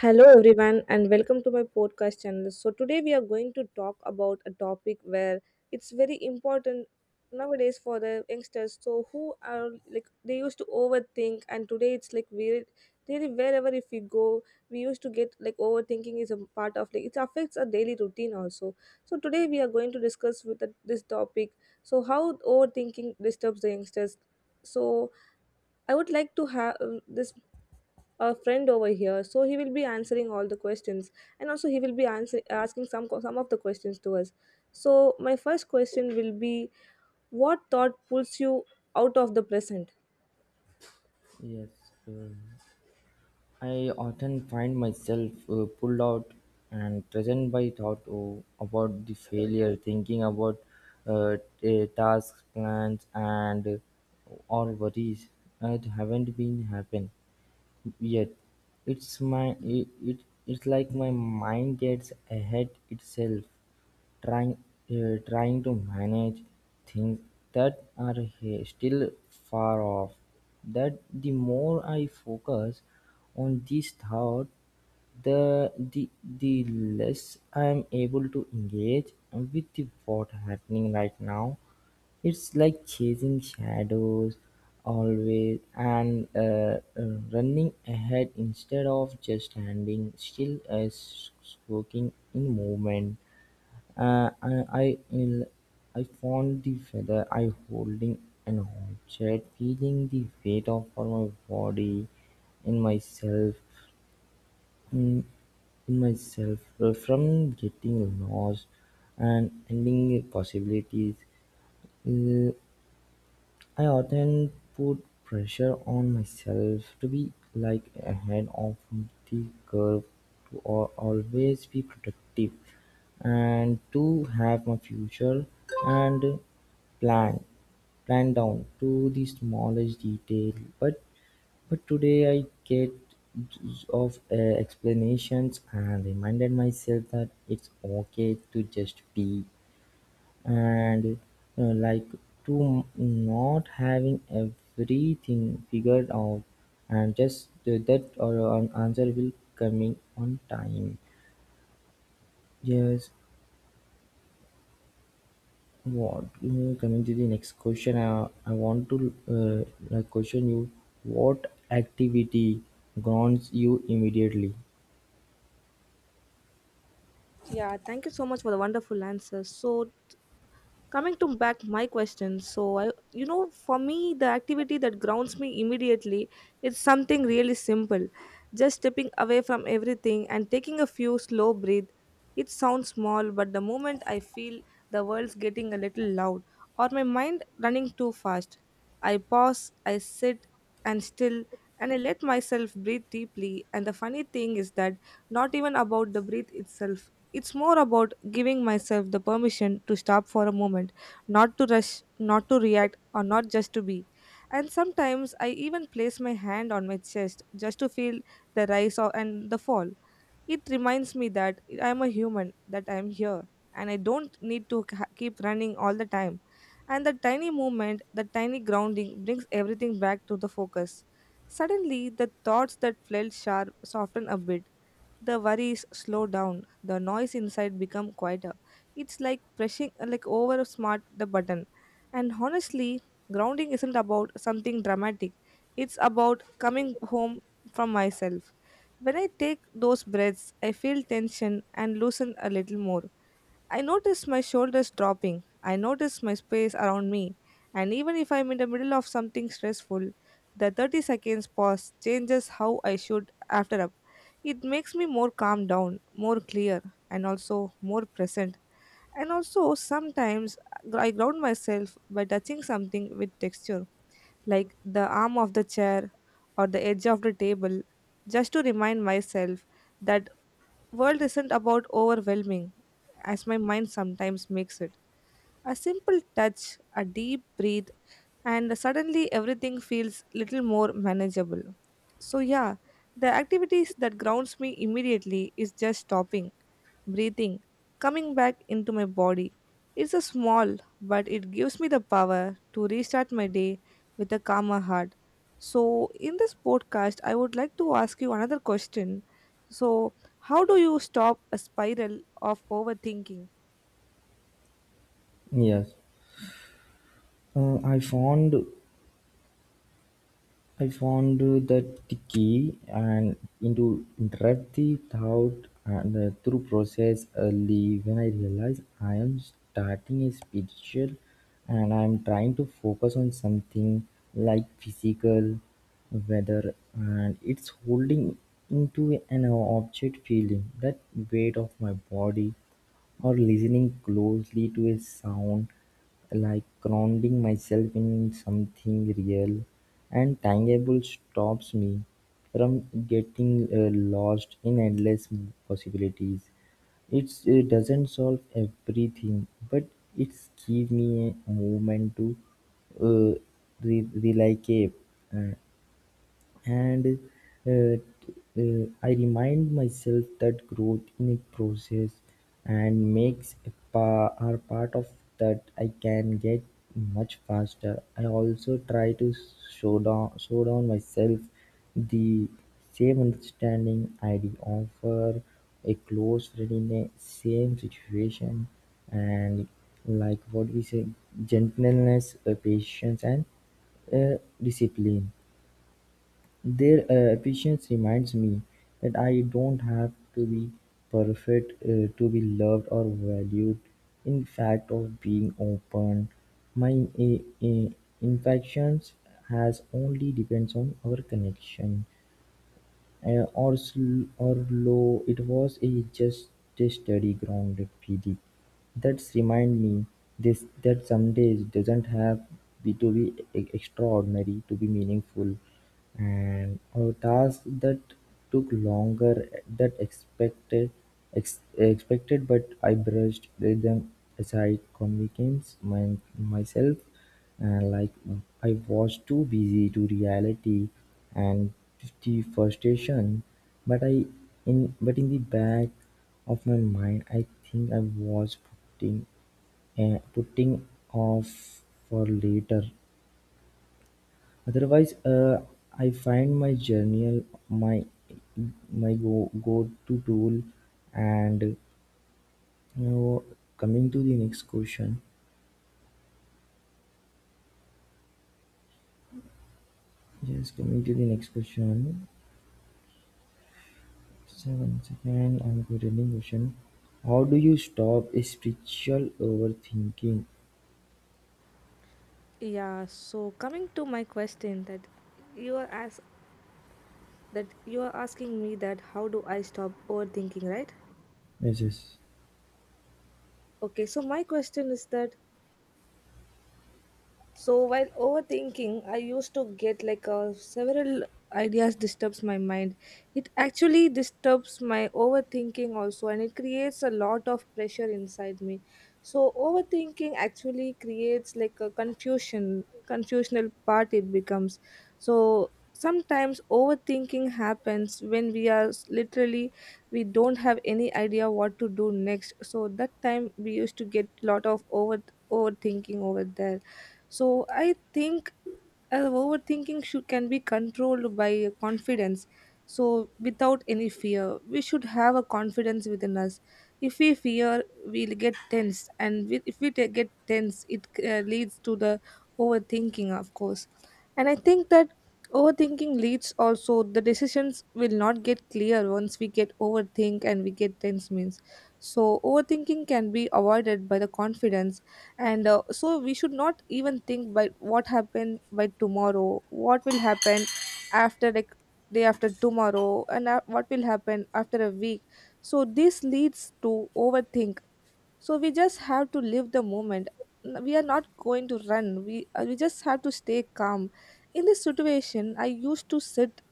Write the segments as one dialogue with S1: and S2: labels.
S1: Hello, everyone, and welcome to my podcast channel. So today we are going to talk about a topic where it's very important nowadays for the youngsters. So, who are like they used to overthink, and today it's like weird. Really, wherever if we go, we used to get like overthinking is a part of like it affects our daily routine also. So today we are going to discuss with this topic. So how overthinking disturbs the youngsters. So I would like to have this a friend over here, so he will be answering all the questions, and also he will be asking some of the questions to us. So my first question will be, what thought pulls you out of the present?
S2: Yes, uh, I often find myself pulled out and present by thought oh, about the failure, thinking about tasks, plans, and or worries that haven't been happen yet. It's my it, it it's like my mind gets ahead itself trying trying to manage things that are still far off that the more I focus on this thought the the the less I'm able to engage with the what happening right now. It's like chasing shadows always, and running ahead instead of just standing still as soaking in movement. uh, I, I, will- I found the feather I holding an object, feeling the weight of all my body in myself, in, in myself, from getting lost and ending possibilities. Uh, I often put pressure on myself to be like ahead of the curve, to always be productive, and to have my future and plan planned down to the smallest detail. But but today I get of explanations and reminded myself that it's okay to just be and like to not having everything figured out and just that or an answer will coming on time. Yes, what coming to the next question, I want to like question you, what activity grounds you immediately?
S1: Yeah, thank you so much for the wonderful answer. So coming to back my question, so I, you know, for me the activity that grounds me immediately is something really simple. Just stepping away from everything and taking a few slow breath. It sounds small, but the moment I feel the world's getting a little loud or my mind running too fast, I pause, I sit and still, and I let myself breathe deeply. And the funny thing is that not even about the breath itself. It's more about giving myself the permission to stop for a moment, not to rush, not to react, or not just to be. And sometimes I even place my hand on my chest just to feel the rise and the fall. It reminds me that I am a human, that I am here, and I don't need to keep running all the time. And the tiny movement, the tiny grounding brings everything back to the focus. Suddenly, the thoughts that felt sharp soften a bit, the worries slow down, the noise inside become quieter. It's like pressing like over smart the button. And honestly, grounding isn't about something dramatic. It's about coming home from myself. When I take those breaths, I feel tension and loosen a little more. I notice my shoulders dropping. I notice my space around me. And even if I'm in the middle of something stressful, the 30 seconds pause changes how I should after up. It makes me more calm down, more clear, and also more present. And also, sometimes I ground myself by touching something with texture, like the arm of the chair or the edge of the table, just to remind myself that world isn't about overwhelming as my mind sometimes makes it. A simple touch, a deep breath, and suddenly everything feels little more manageable. So yeah, the activities that grounds me immediately is just stopping, breathing, coming back into my body. It's a small, but it gives me the power to restart my day with a calmer heart. So in this podcast I would like to ask you another question. So how do you stop a spiral of overthinking?
S2: Yes, I found the key and into empathy thought and through process early when I realize I am starting a spiritual and I am trying to focus on something like physical weather, and it's holding into an object feeling that weight of my body or listening closely to a sound, like grounding myself in something real and tangible stops me from getting lost in endless possibilities. It doesn't solve everything, but it's give me a moment to uh, relocate. Uh, and I remind myself that growth in a process and makes are part of that I can get much faster. I also try to show down myself the same understanding I'd offer a close friend in a same situation, and like what we say gentleness, patience, and discipline, their efficiency reminds me that I don't have to be perfect to be loved or valued. In fact, of being open, my uh, infections has only depends on our connection. Or or low it was a just-a-steady ground pd that's remind me this that some days doesn't have be to be extraordinary to be meaningful, and a task that took longer that expected expected, but I brushed them aside convinced myself and like, I was too busy to reality and the frustration, but I in but in the back of my mind, I think I was putting putting off for later. Otherwise, I find my journal my go go to tool, and you know, coming to the next question. Yes, coming to the next question. Seventh I'm continuing question: how do you stop spiritual overthinking?
S1: Yeah, so coming to my question that you are as that you are asking me, that how do I stop overthinking, right?
S2: Yes, yes.
S1: Okay, so my question is that, so while overthinking, I used to get like several ideas disturbs my mind. It actually disturbs my overthinking also, and it creates a lot of pressure inside me. So overthinking actually creates like a confusional part it becomes. So sometimes overthinking happens when we are literally we don't have any idea what to do next. So that time we used to get lot of overthinking over there. So I think uh, can be controlled by confidence. So without any fear, we should have a confidence within us. If we fear, we'll get tense, and we, if we get tense, it leads to the overthinking, of course. And I think that overthinking leads also, the decisions will not get clear once we get overthink and we get tense means. So overthinking can be avoided by the confidence. And so we should not even think by what happened by tomorrow, what will happen after like day after tomorrow, and what will happen after a week. So this leads to overthink. So we just have to live the moment. We are not going to run, we just have to stay calm. In this situation I used to sit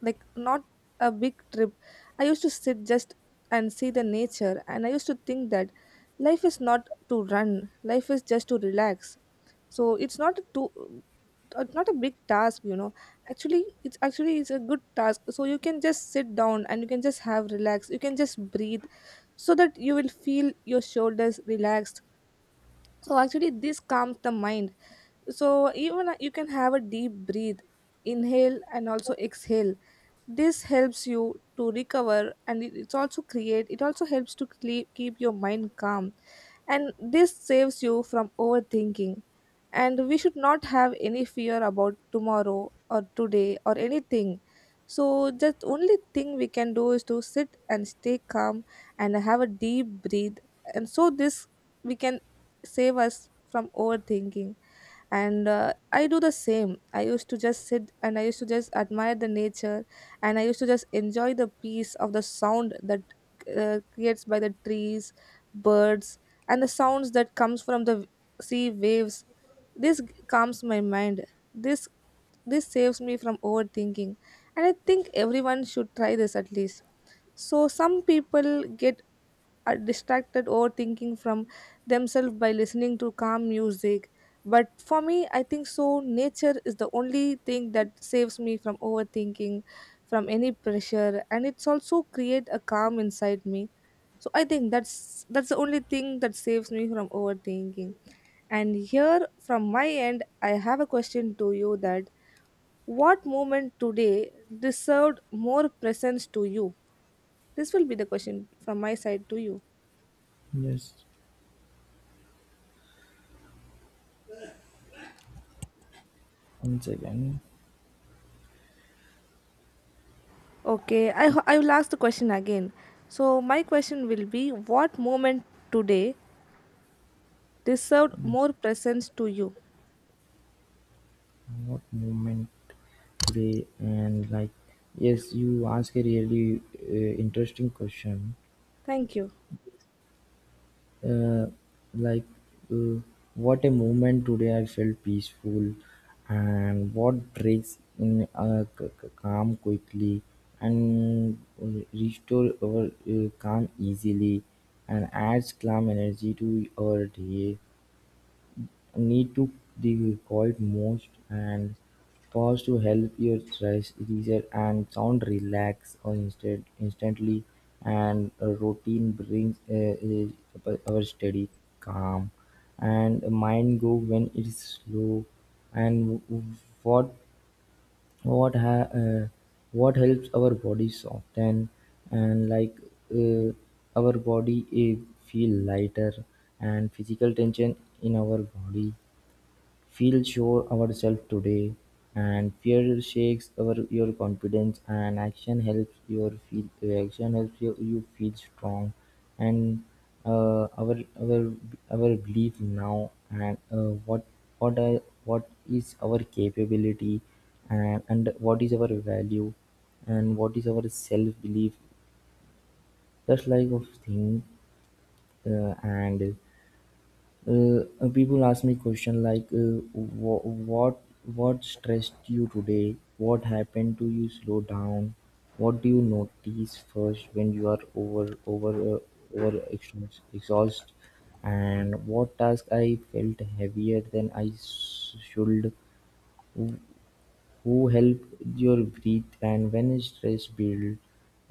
S1: like not a big trip. I used to sit just and see the nature, and I used to think that life is not to run, life is just to relax. So it's not too not a big task, you know. Actually, it's actually it's a good task, so you can just sit down and you can just have relax, you can just breathe, so that you will feel your shoulders relaxed. So actually this calms the mind. So even you can have a deep breathe, inhale and also exhale. This helps you to recover, and it's also create it also helps to keep your mind calm, and this saves you from overthinking. And we should not have any fear about tomorrow or today or anything. So just only thing we can do is to sit and stay calm and have a deep breathe. And so this we can save us from overthinking. And I do the same. I used to just sit and I used to just admire the nature, and I used to just enjoy the peace of the sound that creates by the trees, birds, and the sounds that comes from the sea waves. This calms my mind. this this saves me from overthinking, and I think everyone should try this at least. So some people get are distracted overthinking from themselves by listening to calm music. But for me, I think so. Nature is the only thing that saves me from overthinking, from any pressure, and it's also create a calm inside me. So I think that's the only thing that saves me from overthinking. And here, from my end, I have a question to you, that what moment today deserved more presence to you? This will be the question from my side to you.
S2: Yes. Once again,
S1: Okay, I, I will ask the question again. So my question will be, what moment today deserved more presence to you?
S2: what moment today and like yes, you ask a really interesting question.
S1: Thank you.
S2: uh, like uh, what a moment today I felt peaceful and what breaks in calm quickly and restore our calm easily and adds calm energy to our day. Knee took the quiet most and pause to help your stress reset and sound relax or instantly, and a routine brings our steady calm and mind go when it's slow, and what what ha- uh, what helps our body soften and like uh, our body feel lighter and physical tension in our body. Feel sure ourselves today, and fear shakes our your confidence and action helps your feel. Action helps you, you feel strong and uh, our our our belief now and what is our capability, and what is our value, and what is our self belief, just like of thing. And People ask me question like what stressed you today, what happened to you slow down, what do you notice first when you are exhaust, and what task I felt heavier than I should, who help your breathe and when stress build?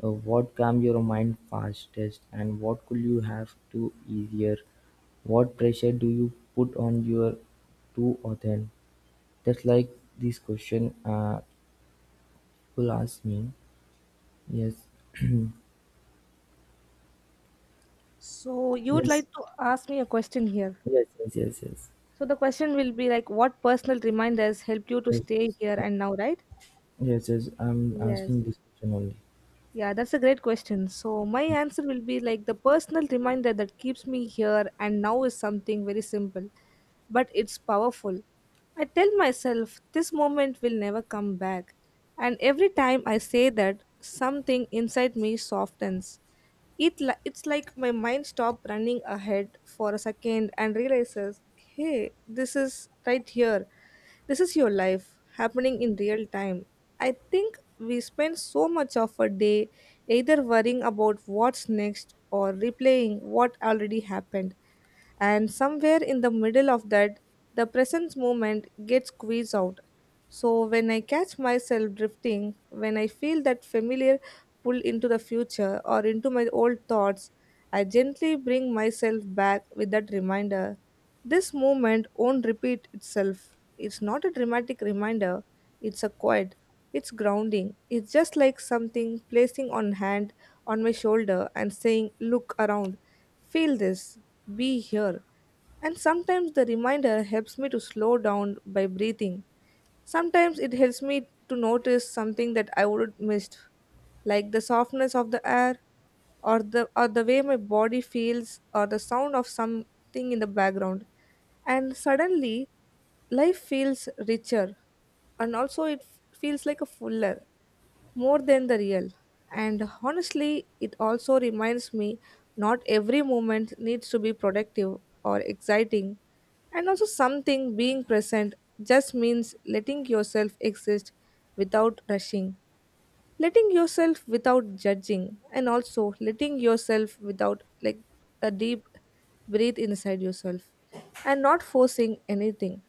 S2: What calmed your mind fastest and what could you have to easier? What pressure do you put on your to author? That's like this question people ask me. Yes.
S1: So you would
S2: Yes.
S1: like to ask me a question here.
S2: Yes, yes, yes, yes.
S1: So the question will be like, what personal reminders helped you to
S2: Yes,
S1: stay here
S2: yes,
S1: and now, right?
S2: yes. Yes, I'm
S1: Yes.
S2: asking this question only.
S1: Yeah, that's a great question. So my answer will be like the personal reminder that keeps me here and now is something very simple, but it's powerful. I tell myself this moment will never come back, and every time I say that, something inside me softens. It's like my mind stopped running ahead for a second and realizes, hey, this is right here. This is your life happening in real time. I think we spend so much of a day either worrying about what's next or replaying what already happened, and somewhere in the middle of that the presence moment gets squeezed out. So when I catch myself drifting, when I feel that familiar pull into the future or into my old thoughts, I gently bring myself back with that reminder. This moment won't repeat itself. It's not a dramatic reminder, it's a quiet, it's grounding. It's just like something placing on hand on my shoulder and saying, "Look around. Feel this. Be here." And sometimes the reminder helps me to slow down by breathing. Sometimes it helps me to notice something that I would have missed, like the softness of the air, or the way my body feels, or the sound of something in the background. And suddenly, life feels richer, and also it feels like a fuller, more than the real. And honestly, it also reminds me not every moment needs to be productive or exciting. And also, something being present just means letting yourself exist without rushing, letting yourself without judging, and also letting yourself without like a deep breathe inside yourself, and not forcing anything.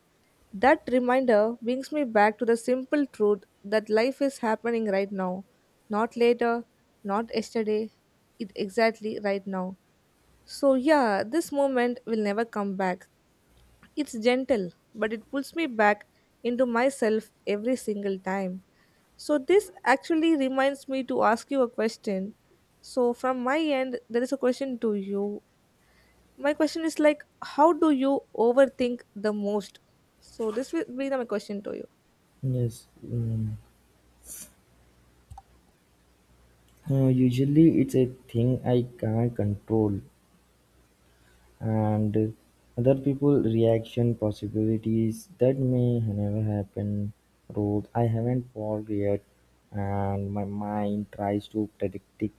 S1: That reminder brings me back to the simple truth that life is happening right now, not later, not yesterday, it exactly right now. So, yeah, this moment will never come back. It's gentle, but it pulls me back into myself every single time. So this actually reminds me to ask you a question. So from my end, there is a question to you. My question is like, how do you overthink the most? So this will be my question to you.
S2: Yes. Mm. Usually, it's a thing I can't control, and other people reaction possibilities that may never happen, road I haven't walked yet, and my mind tries to predict it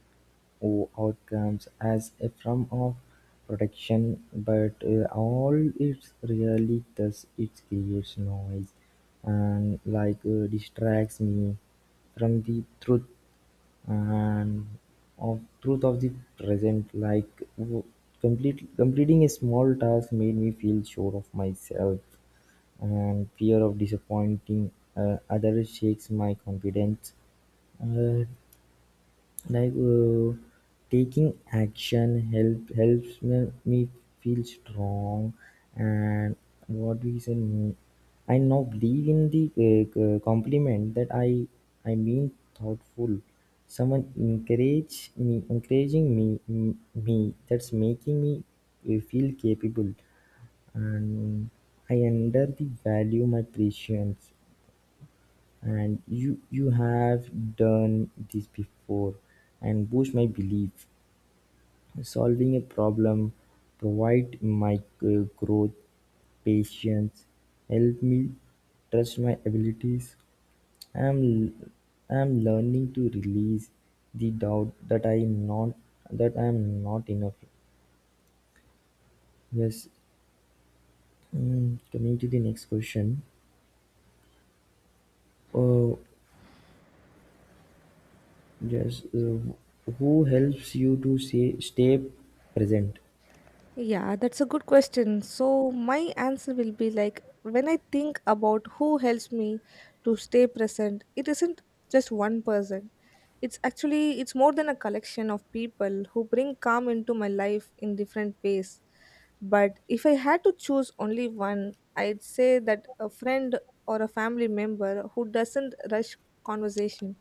S2: outcomes as a form of protection, but all it really does it creates noise and like distracts me from the truth and of truth of the present. Like w- complete completing a small task made me feel sure of myself, and fear of disappointing others shakes my confidence. Uh, like uh, Taking action helps me feel strong. And what do you say, mm, I now believe in the compliment that I mean thoughtful someone encourage me encouraging me, that's making me feel capable, and I under the value my patience, and you have done this before and boost my belief. Solving a problem provide my growth, patience help me trust my abilities. i am I am learning to release the doubt that I am not that I am not enough. Yes. Mm, coming to the next question. Oh yes, who helps you to say stay present?
S1: Yeah, that's a good question. So my answer will be like, when I think about who helps me to stay present, it isn't just one person. It's actually it's more than a collection of people who bring calm into my life in different ways. But if I had to choose only one, I'd say that a friend or a family member who doesn't rush conversation,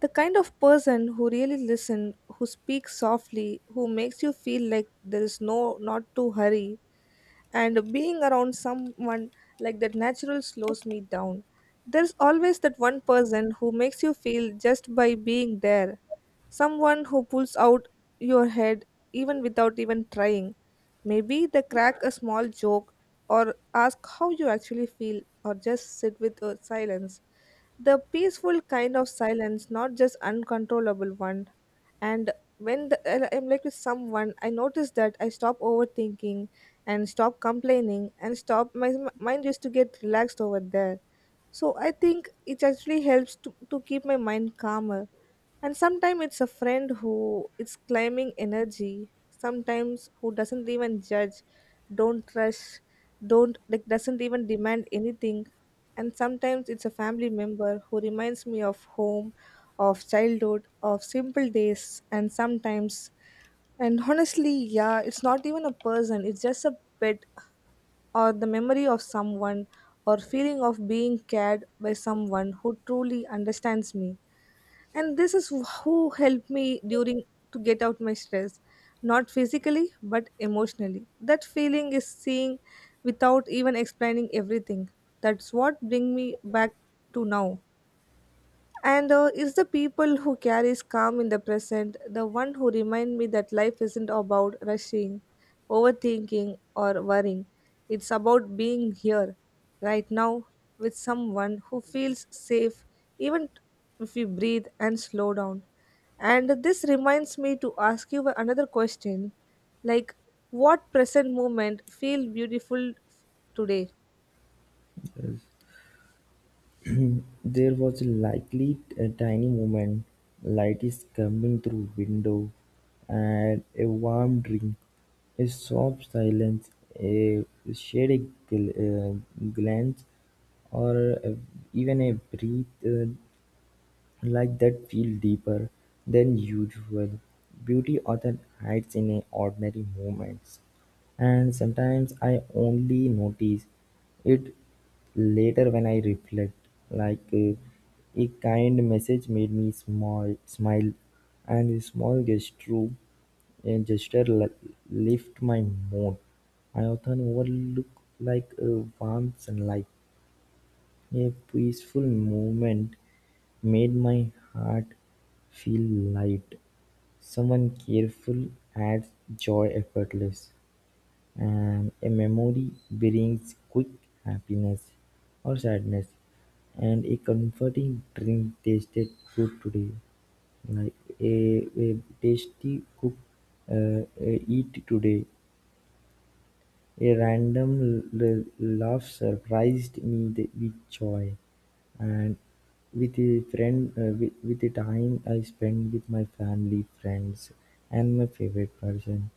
S1: the kind of person who really listens, who speaks softly, who makes you feel like there is no not to hurry, and being around someone like that natural slows me down. There's always that one person who makes you feel just by being there. Someone who pulls out your head even without even trying. Maybe they crack a small joke or ask how you actually feel or just sit with silence, the peaceful kind of silence, not just uncontrollable one. And when I'm like with someone, I notice that I stop overthinking and stop complaining and stop my mind used to get relaxed over there. So I think it actually helps to keep my mind calmer. And sometimes it's a friend who is claiming energy, sometimes who doesn't even judge, don't rush, don't like doesn't even demand anything. And sometimes it's a family member who reminds me of home, of childhood, of simple days. And sometimes, and honestly, yeah, it's not even a person, it's just a pet or the memory of someone or feeling of being cared by someone who truly understands me. And this is who helped me during, to get out my stress, not physically but emotionally, that feeling is seeing without even explaining everything. That's what bring me back to now. And it's the people who carries calm in the present, the one who remind me that life isn't about rushing, overthinking, or worrying. It's about being here, right now, with someone who feels safe, even if we breathe and slow down. And this reminds me to ask you another question, like what present moment feel beautiful today?
S2: There was likely a tiny moment. Light is coming through window, and a warm drink, a soft silence, a shaded gl- uh, glance, or a- even a breath like that feel deeper than usual. Beauty often hides in a ordinary moments, and sometimes I only notice it later when I reflect. Like a kind message made me small smile, and a small gesture, a gesture lift my mood. I often overlook like a warm sunlight, a peaceful movement made my heart feel light. Someone careful adds joy effortless, and a memory brings quick happiness or sadness, and a comforting drink tasted good today. Like a tasty cook, eat today. A random laugh surprised me with joy, and with a friend, with the time I spent with my family, friends, and my favorite person.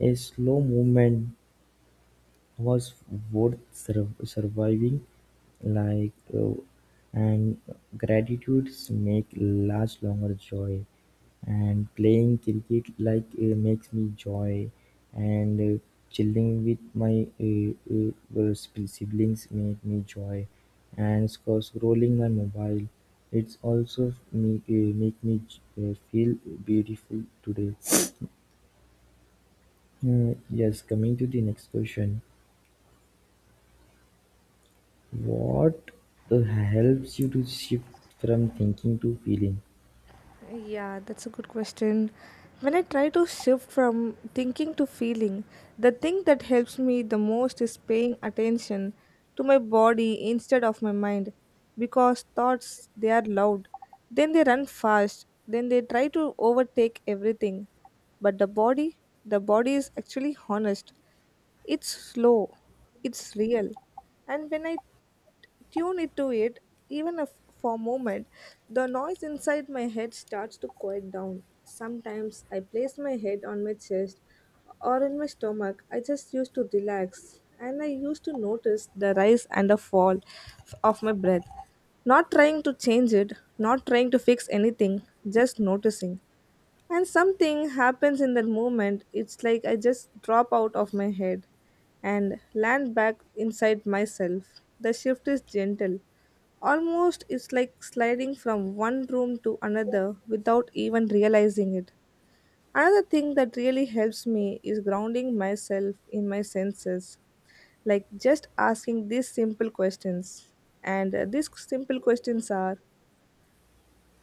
S2: A slow movement was worth surviving, like, and gratitudes make life longer joy, and playing cricket like makes me joy, and chilling with my siblings make me joy, and scrolling my mobile, it's also me make me feel beautiful today. Yes, coming to the next question. What helps you to shift from thinking to feeling?
S1: Yeah, that's a good question. When I try to shift from thinking to feeling, the thing that helps me the most is paying attention to my body instead of my mind, because thoughts, they are loud, then they run fast, then they try to overtake everything. But the body is actually honest. It's slow, it's real. And when I tune into it, even if for a moment, the noise inside my head starts to quiet down. Sometimes I place my head on my chest or in my stomach. I just used to relax and I used to notice the rise and the fall of my breath. Not trying to change it, not trying to fix anything, just noticing. And something happens in that moment. It's like I just drop out of my head and land back inside myself. The shift is gentle. Almost it's like sliding from one room to another without even realizing it. Another thing that really helps me is grounding myself in my senses, like just asking these simple questions. And these simple questions are,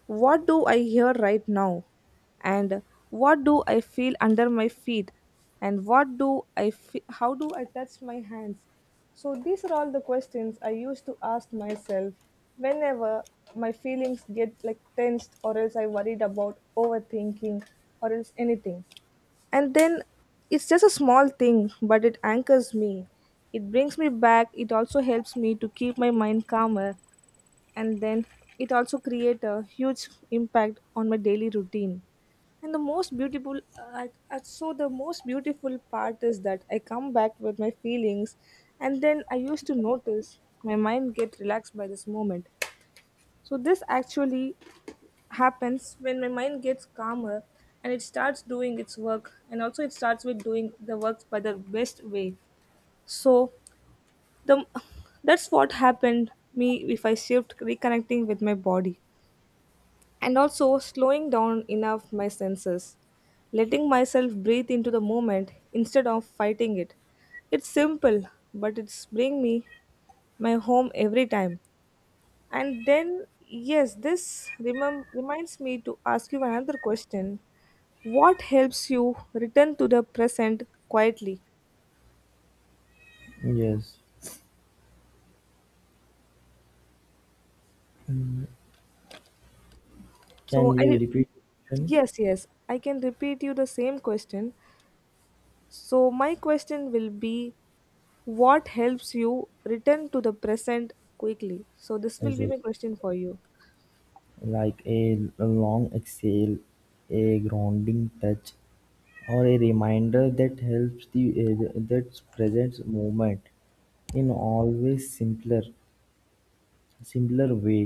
S1: what do I hear right now? And what do I feel under my feet? And what do I how do I touch my hands? So these are all the questions I used to ask myself whenever my feelings get like tensed, or else I worried about overthinking, or else anything. And then it's just a small thing, but it anchors me, it brings me back, it also helps me to keep my mind calmer. And then it also create a huge impact on my daily routine. And the most beautiful so the most beautiful part is that I come back with my feelings, and then I used to notice my mind get relaxed by this moment. So this actually happens when my mind gets calmer and it starts doing its work, and also it starts with doing the work by the best way. So the that's what happened me if I shift reconnecting with my body and also slowing down enough my senses, letting myself breathe into the moment instead of fighting it. It's simple, but it's bring me my home every time. And then yes, this reminds me to ask you another question. What helps you return to the present quietly?
S2: Yes.
S1: So
S2: Can you
S1: I
S2: repeat the question?
S1: yes, yes, I can repeat you the same question. So my question will be, what helps you return to the present quickly? So this will
S2: Yes,
S1: be
S2: yes.
S1: my question for you.
S2: Like a long exhale, a grounding touch, or a reminder that helps the that present moment in always simpler way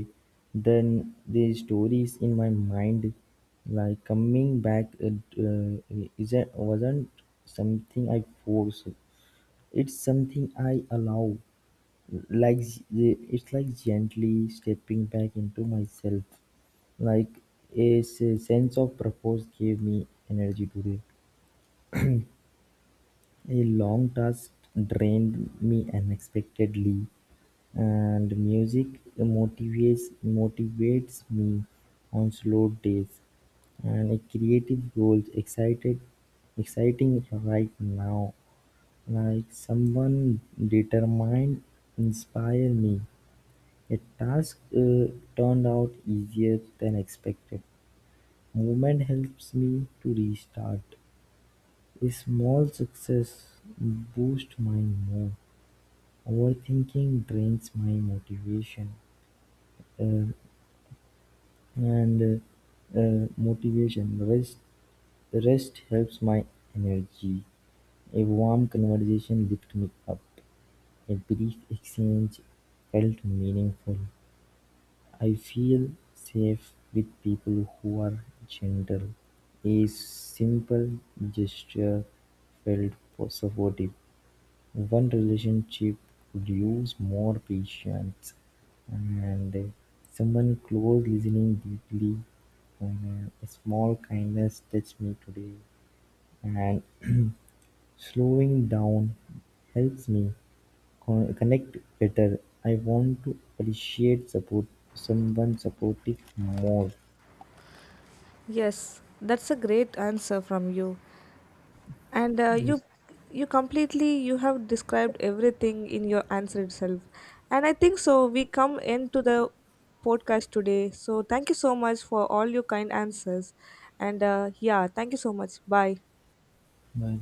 S2: than the stories in my mind. Like coming back, it isn't wasn't something I forced. It's something I allow, like it's like gently stepping back into myself, like a s- sense of purpose gave me energy today. A long task drained me unexpectedly, and music motivates me on slow days. And a creative goals exciting right now. Like someone determined inspired me, a task turned out easier than expected. Movement helps me to restart. A small success boosts my mood. Overthinking drains my motivation, uh, and motivation rest helps my energy. A warm conversation lifts me up. A brief exchange felt meaningful. I feel safe with people who are gentle, a simple gesture felt supportive. One relationship could use more patience, and someone close listening deeply. And a small kindness touched me today, and slowing down helps me connect better. I want to appreciate support someone supportive more.
S1: Yes, that's a great answer from you. And you
S2: Есть
S1: you completely you have described everything in your answer itself. And I think so we come into the podcast today. So thank you so much for all your kind answers. And yeah, thank you so much. Bye.
S2: да.